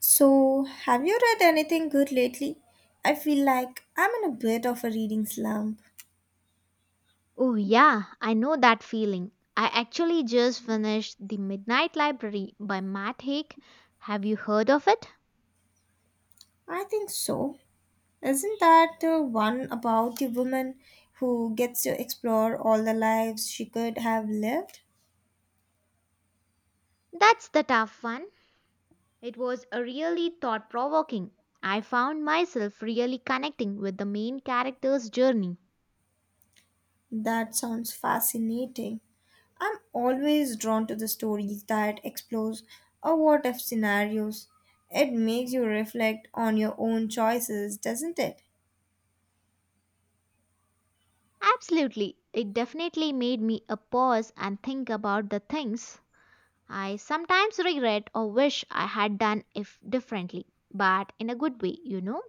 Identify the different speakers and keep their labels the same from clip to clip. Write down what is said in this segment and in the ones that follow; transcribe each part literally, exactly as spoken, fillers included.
Speaker 1: So, have you read anything good lately? I feel like I'm in a bit of a reading slump.
Speaker 2: Oh, yeah, I know that feeling. I actually just finished The Midnight Library by Matt Haig. Have you heard of it?
Speaker 1: I think so. Isn't that the one about the woman who gets to explore all the lives she could have lived?
Speaker 2: That's the tough one. It was a really thought provoking. I found myself really connecting with the main character's journey.
Speaker 1: That sounds fascinating. I'm always drawn to the stories that explores a what if scenarios. It makes you reflect on your own choices, doesn't it?
Speaker 2: Absolutely, it definitely made me a pause and think about the things I sometimes regret or wish I had done if differently, but in a good way, you know.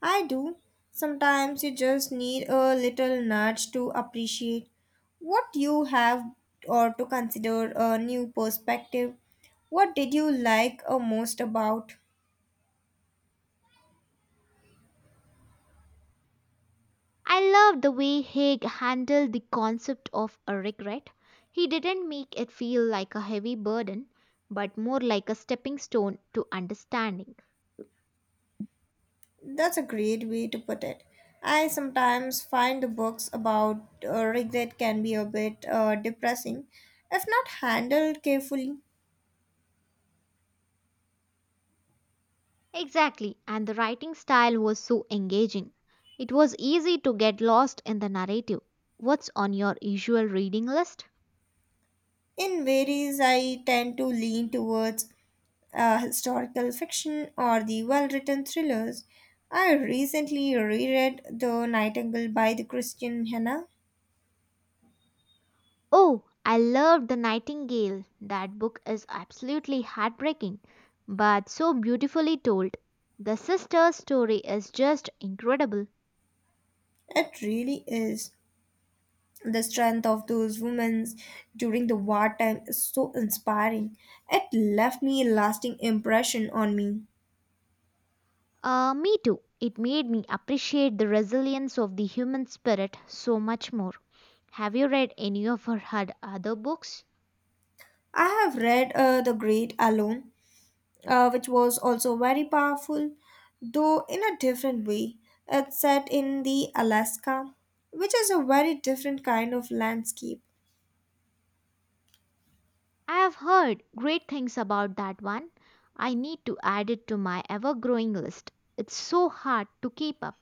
Speaker 1: I do. Sometimes you just need a little nudge to appreciate what you have or to consider a new perspective. What did you like uh, most about?
Speaker 2: I love the way Haig handled the concept of a regret. He didn't make it feel like a heavy burden, but more like a stepping stone to understanding.
Speaker 1: That's a great way to put it. I sometimes find the books about uh, regret can be a bit uh, depressing if not handled carefully.
Speaker 2: Exactly, and the writing style was so engaging. It was easy to get lost in the narrative. What's on your usual reading list?
Speaker 1: In varies, I tend to lean towards uh, historical fiction or the well written thrillers. I recently reread The Nightingale by the Christian Hannah.
Speaker 2: Oh, I loved The Nightingale. That book is absolutely heartbreaking, but so beautifully told. The sister's story is just incredible.
Speaker 1: It really is. The strength of those women during the wartime is so inspiring. It left me a lasting impression on me.
Speaker 2: Uh, me too. It made me appreciate the resilience of the human spirit so much more. Have you read any of her had other books?
Speaker 1: I have read uh, The Great Alone, uh, which was also very powerful, though in a different way. It's set in the Alaska, which is a very different kind of landscape.
Speaker 2: I have heard great things about that one. I need to add it to my ever growing list. It's so hard to keep up.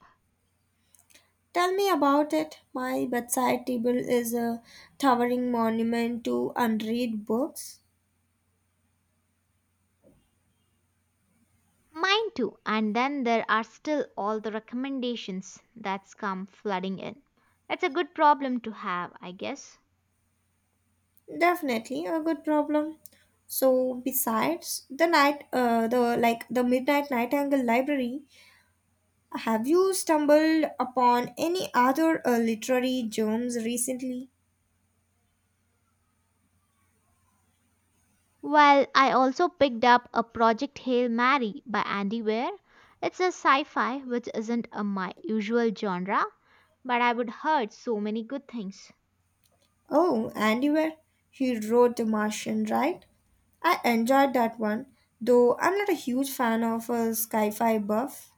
Speaker 1: Tell me about it. My bedside table is a towering monument to unread books.
Speaker 2: Mine too. And then there are still all the recommendations that's come flooding in. It's a good problem to have, I guess.
Speaker 1: Definitely a good problem. So besides the night uh, the like the Midnight Nightingale Library, have you stumbled upon any other uh, literary gems recently?
Speaker 2: Well, I also picked up a Project Hail Mary by Andy Weir. It's a sci-fi which isn't a my usual genre, but I would heard so many good things.
Speaker 1: Oh, Andy Weir. He wrote The Martian, right? I enjoyed that one, though I'm not a huge fan of a sci-fi buff.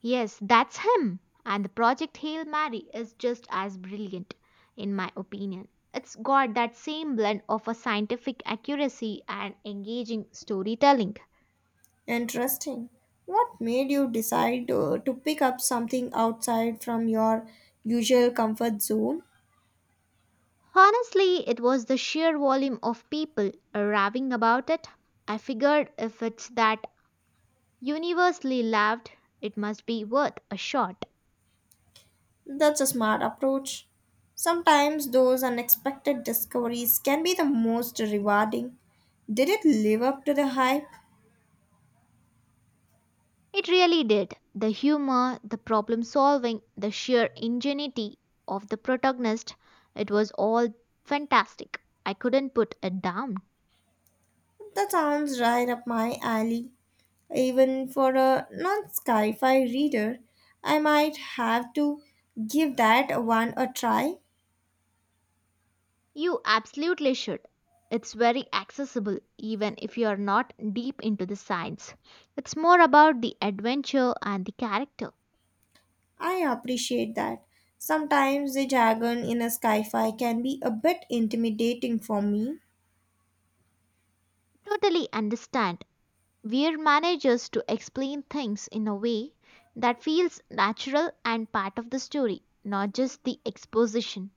Speaker 2: Yes, that's him. And the Project Hail Mary is just as brilliant, in my opinion. It's got that same blend of a scientific accuracy and engaging storytelling.
Speaker 1: Interesting. What made you decide uh, to pick up something outside from your usual comfort zone?
Speaker 2: Honestly, it was the sheer volume of people raving about it. I figured if it's that universally loved, it must be worth a shot.
Speaker 1: That's a smart approach. Sometimes those unexpected discoveries can be the most rewarding. Did it live up to the hype?
Speaker 2: It really did. The humor, the problem solving, the sheer ingenuity of the protagonist, it was all fantastic. I couldn't put it down.
Speaker 1: That sounds right up my alley. Even for a non sci fi reader, I might have to give that one a try.
Speaker 2: You absolutely should. It's very accessible even if you are not deep into the science. It's more about the adventure and the character.
Speaker 1: I appreciate that. Sometimes the jargon in a sci-fi can be a bit intimidating for me,
Speaker 2: Totally understand. We're managers to explain things in a way that feels natural and part of the story, not just the exposition.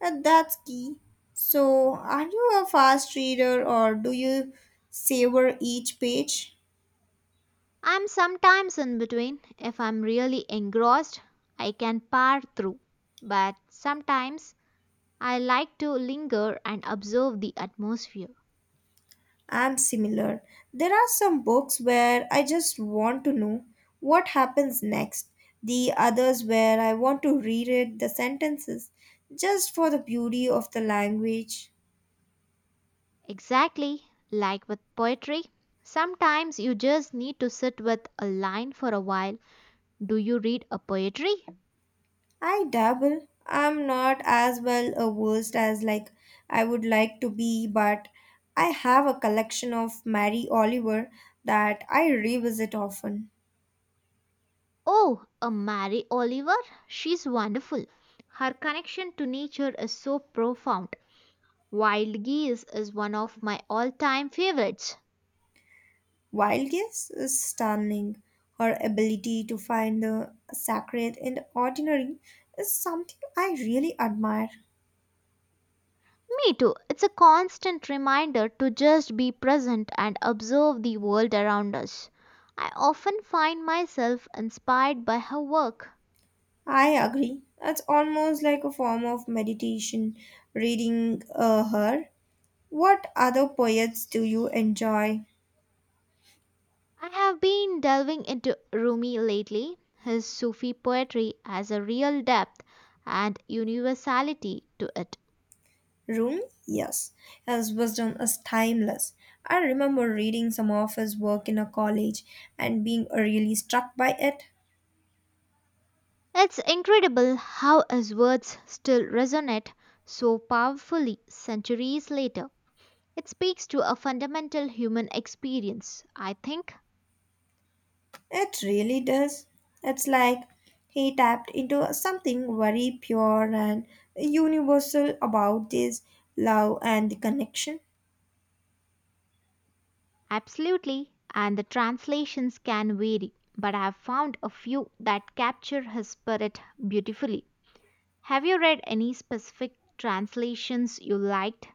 Speaker 1: and that's key. So, are you a fast reader or do you savor each page?
Speaker 2: I'm sometimes in between. If I'm really engrossed, I can power through. But sometimes I like to linger and observe the atmosphere.
Speaker 1: I'm similar. There are some books where I just want to know what happens next. The others where I want to reread the sentences just for the beauty of the language.
Speaker 2: Exactly like with poetry. Sometimes you just need to sit with a line for a while. Do you read a poetry?
Speaker 1: I dabble. I'm not as well a versed as like I would like to be, but I have a collection of Mary Oliver that I revisit often.
Speaker 2: Oh, a Mary Oliver? She's wonderful. Her connection to nature is so profound. Wild Geese is one of my all time favorites.
Speaker 1: Wild Guess is stunning. Her ability to find the sacred in the ordinary is something I really admire.
Speaker 2: Me too. It's a constant reminder to just be present and observe the world around us. I often find myself inspired by her work.
Speaker 1: I agree. It's almost like a form of meditation reading uh, her. What other poets do you enjoy?
Speaker 2: I have been delving into Rumi lately. His Sufi poetry has a real depth and universality to it.
Speaker 1: Room, yes, his wisdom is timeless. I remember reading some of his work in a college and being really struck by it.
Speaker 2: It's incredible how his words still resonate so powerfully centuries later. It speaks to a fundamental human experience, I think.
Speaker 1: It really does. It's like he tapped into something very pure and universal about this love and the connection.
Speaker 2: Absolutely, and the translations can vary, but I have found a few that capture his spirit beautifully. Have you read any specific translations you liked?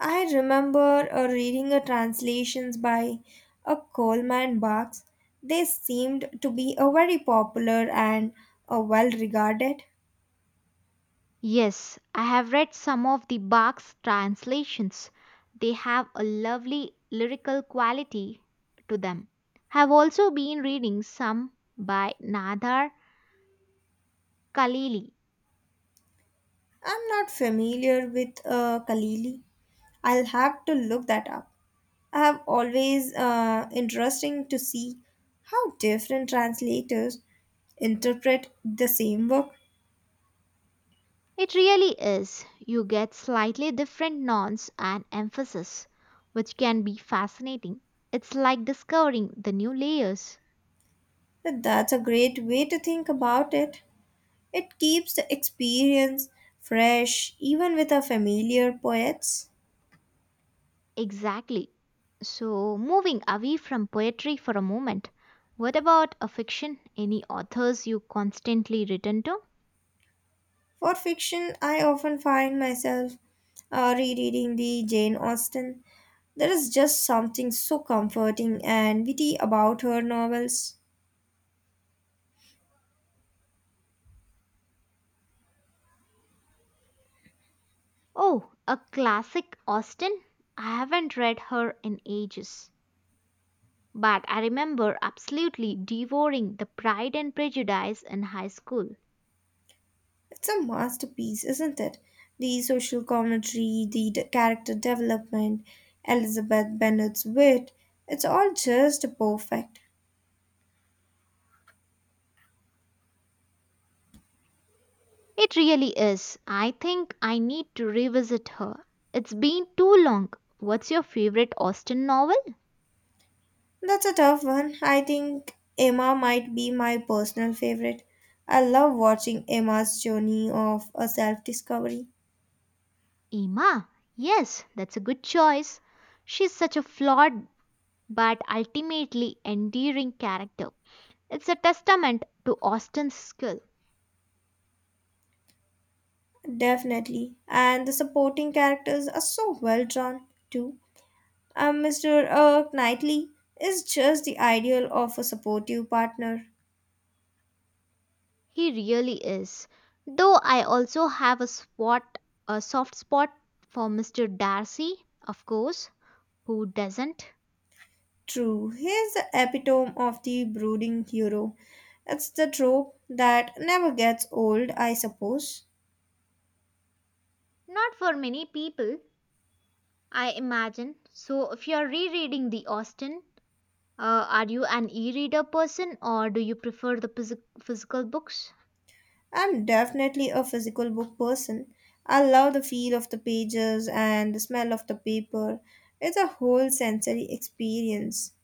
Speaker 1: I remember uh, reading uh, translations by a Coleman Barks. They seemed to be a very popular and uh, well regarded.
Speaker 2: Yes, I have read some of the Bach's translations. They have a lovely lyrical quality to them. I have also been reading some by Nadar Khalili.
Speaker 1: I'm not familiar with uh, Kalili. I'll have to look that up. I have always uh, interesting to see how different translators interpret the same work.
Speaker 2: It really is. You get slightly different nouns and emphasis, which can be fascinating. It's like discovering the new layers.
Speaker 1: But that's a great way to think about it. It keeps the experience fresh even with a familiar poets.
Speaker 2: Exactly. So, moving away from poetry for a moment, what about a fiction? Any authors you constantly return to?
Speaker 1: For fiction, I often find myself uh, rereading the Jane Austen. There is just something so comforting and witty about her novels.
Speaker 2: Oh, a classic Austen? I haven't read her in ages, but I remember absolutely devouring The Pride and Prejudice in high school.
Speaker 1: It's a masterpiece, isn't it? The social commentary, the d- character development, Elizabeth Bennet's wit, it's all just perfect.
Speaker 2: It really is. I think I need to revisit her. It's been too long. What's your favorite Austen novel?
Speaker 1: That's a tough one. I think Emma might be my personal favorite. I love watching Emma's journey of a self discovery.
Speaker 2: Emma. Yes, that's a good choice. She's such a flawed but ultimately endearing character. It's a testament to Austen's skill.
Speaker 1: Definitely. And the supporting characters are so well drawn, too. Uh, Mister Uh, Knightley is just the ideal of a supportive partner.
Speaker 2: He really is. Though I also have a spot a soft spot for mister Darcy, of course, who doesn't?
Speaker 1: True, he is the epitome of the brooding hero. It's the trope that never gets old, I suppose.
Speaker 2: Not for many people, I imagine. So, if you're rereading the Austen, uh, are you an e reader person or do you prefer the phys- physical books?
Speaker 1: I'm definitely a physical book person. I love the feel of the pages and the smell of the paper. It's a whole sensory experience.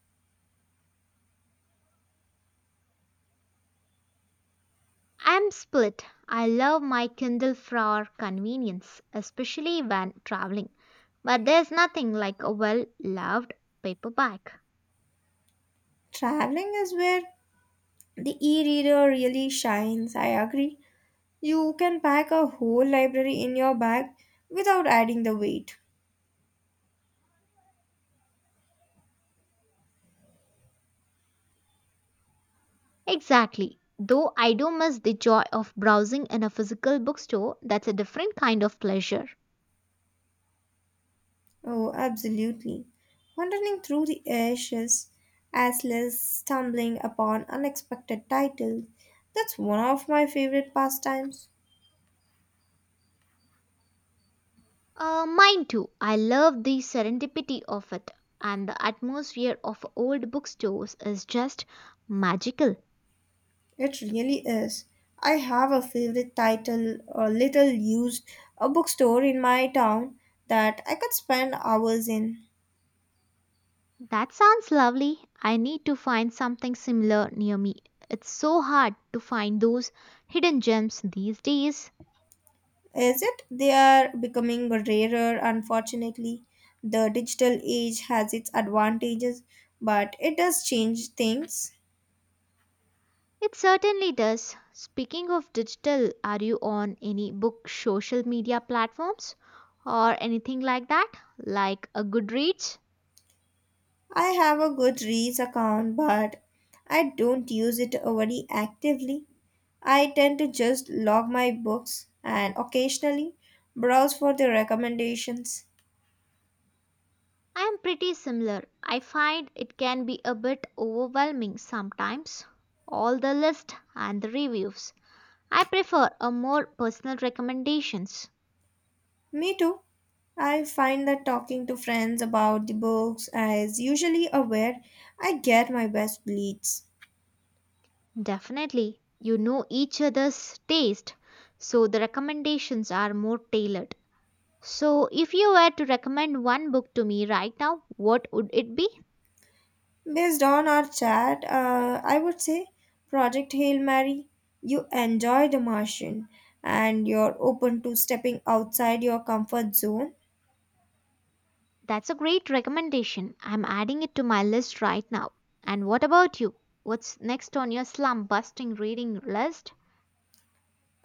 Speaker 2: I'm split. I love my Kindle for convenience, especially when traveling. But there's nothing like a well loved paperback.
Speaker 1: Traveling is where the e-reader really shines, I agree. You can pack a whole library in your bag without adding the weight.
Speaker 2: Exactly. Though I do miss the joy of browsing in a physical bookstore, that's a different kind of pleasure.
Speaker 1: Oh, absolutely. Wandering through the ashes, as less stumbling upon unexpected titles. That's one of my favorite pastimes.
Speaker 2: Uh, mine too. I love the serendipity of it, and the atmosphere of old bookstores is just magical.
Speaker 1: It really is. I have a favorite title or little used a bookstore in my town that I could spend hours in.
Speaker 2: That sounds lovely. I need to find something similar near me. It's so hard to find those hidden gems these days.
Speaker 1: Is it? They are becoming rarer, unfortunately. The digital age has its advantages, but it does change things.
Speaker 2: It certainly does. Speaking of digital, are you on any book social media platforms or anything like that? Like a Goodreads?
Speaker 1: I have a Goodreads account, but I don't use it very actively. I tend to just log my books and occasionally browse for the recommendations.
Speaker 2: I am pretty similar. I find it can be a bit overwhelming sometimes. All the list and the reviews. I prefer a more personal recommendations.
Speaker 1: Me too. I find that talking to friends about the books is usually a where I get my best leads.
Speaker 2: Definitely, you know each other's taste, so the recommendations are more tailored. So, if you were to recommend one book to me right now, what would it be?
Speaker 1: Based on our chat, uh, I would say Project Hail Mary, you enjoy The Martian and you're open to stepping outside your comfort zone.
Speaker 2: That's a great recommendation. I'm adding it to my list right now. And what about you? What's next on your slump busting reading list?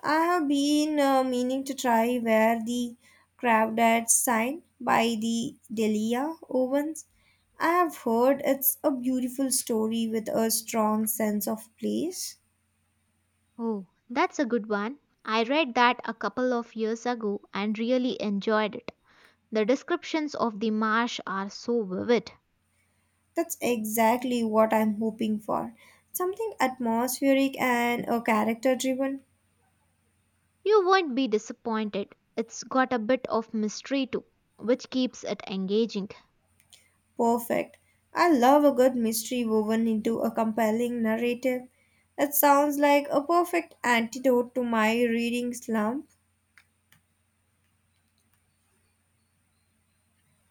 Speaker 1: I have been uh, meaning to try where the crowded sign by the Delia Owens. I have heard it's a beautiful story with a strong sense of place.
Speaker 2: Oh, that's a good one. I read that a couple of years ago and really enjoyed it. The descriptions of the marsh are so vivid.
Speaker 1: That's exactly what I'm hoping for. Something atmospheric and a character driven.
Speaker 2: You won't be disappointed. It's got a bit of mystery too, which keeps it engaging.
Speaker 1: Perfect. I love a good mystery woven into a compelling narrative. It sounds like a perfect antidote to my reading slump.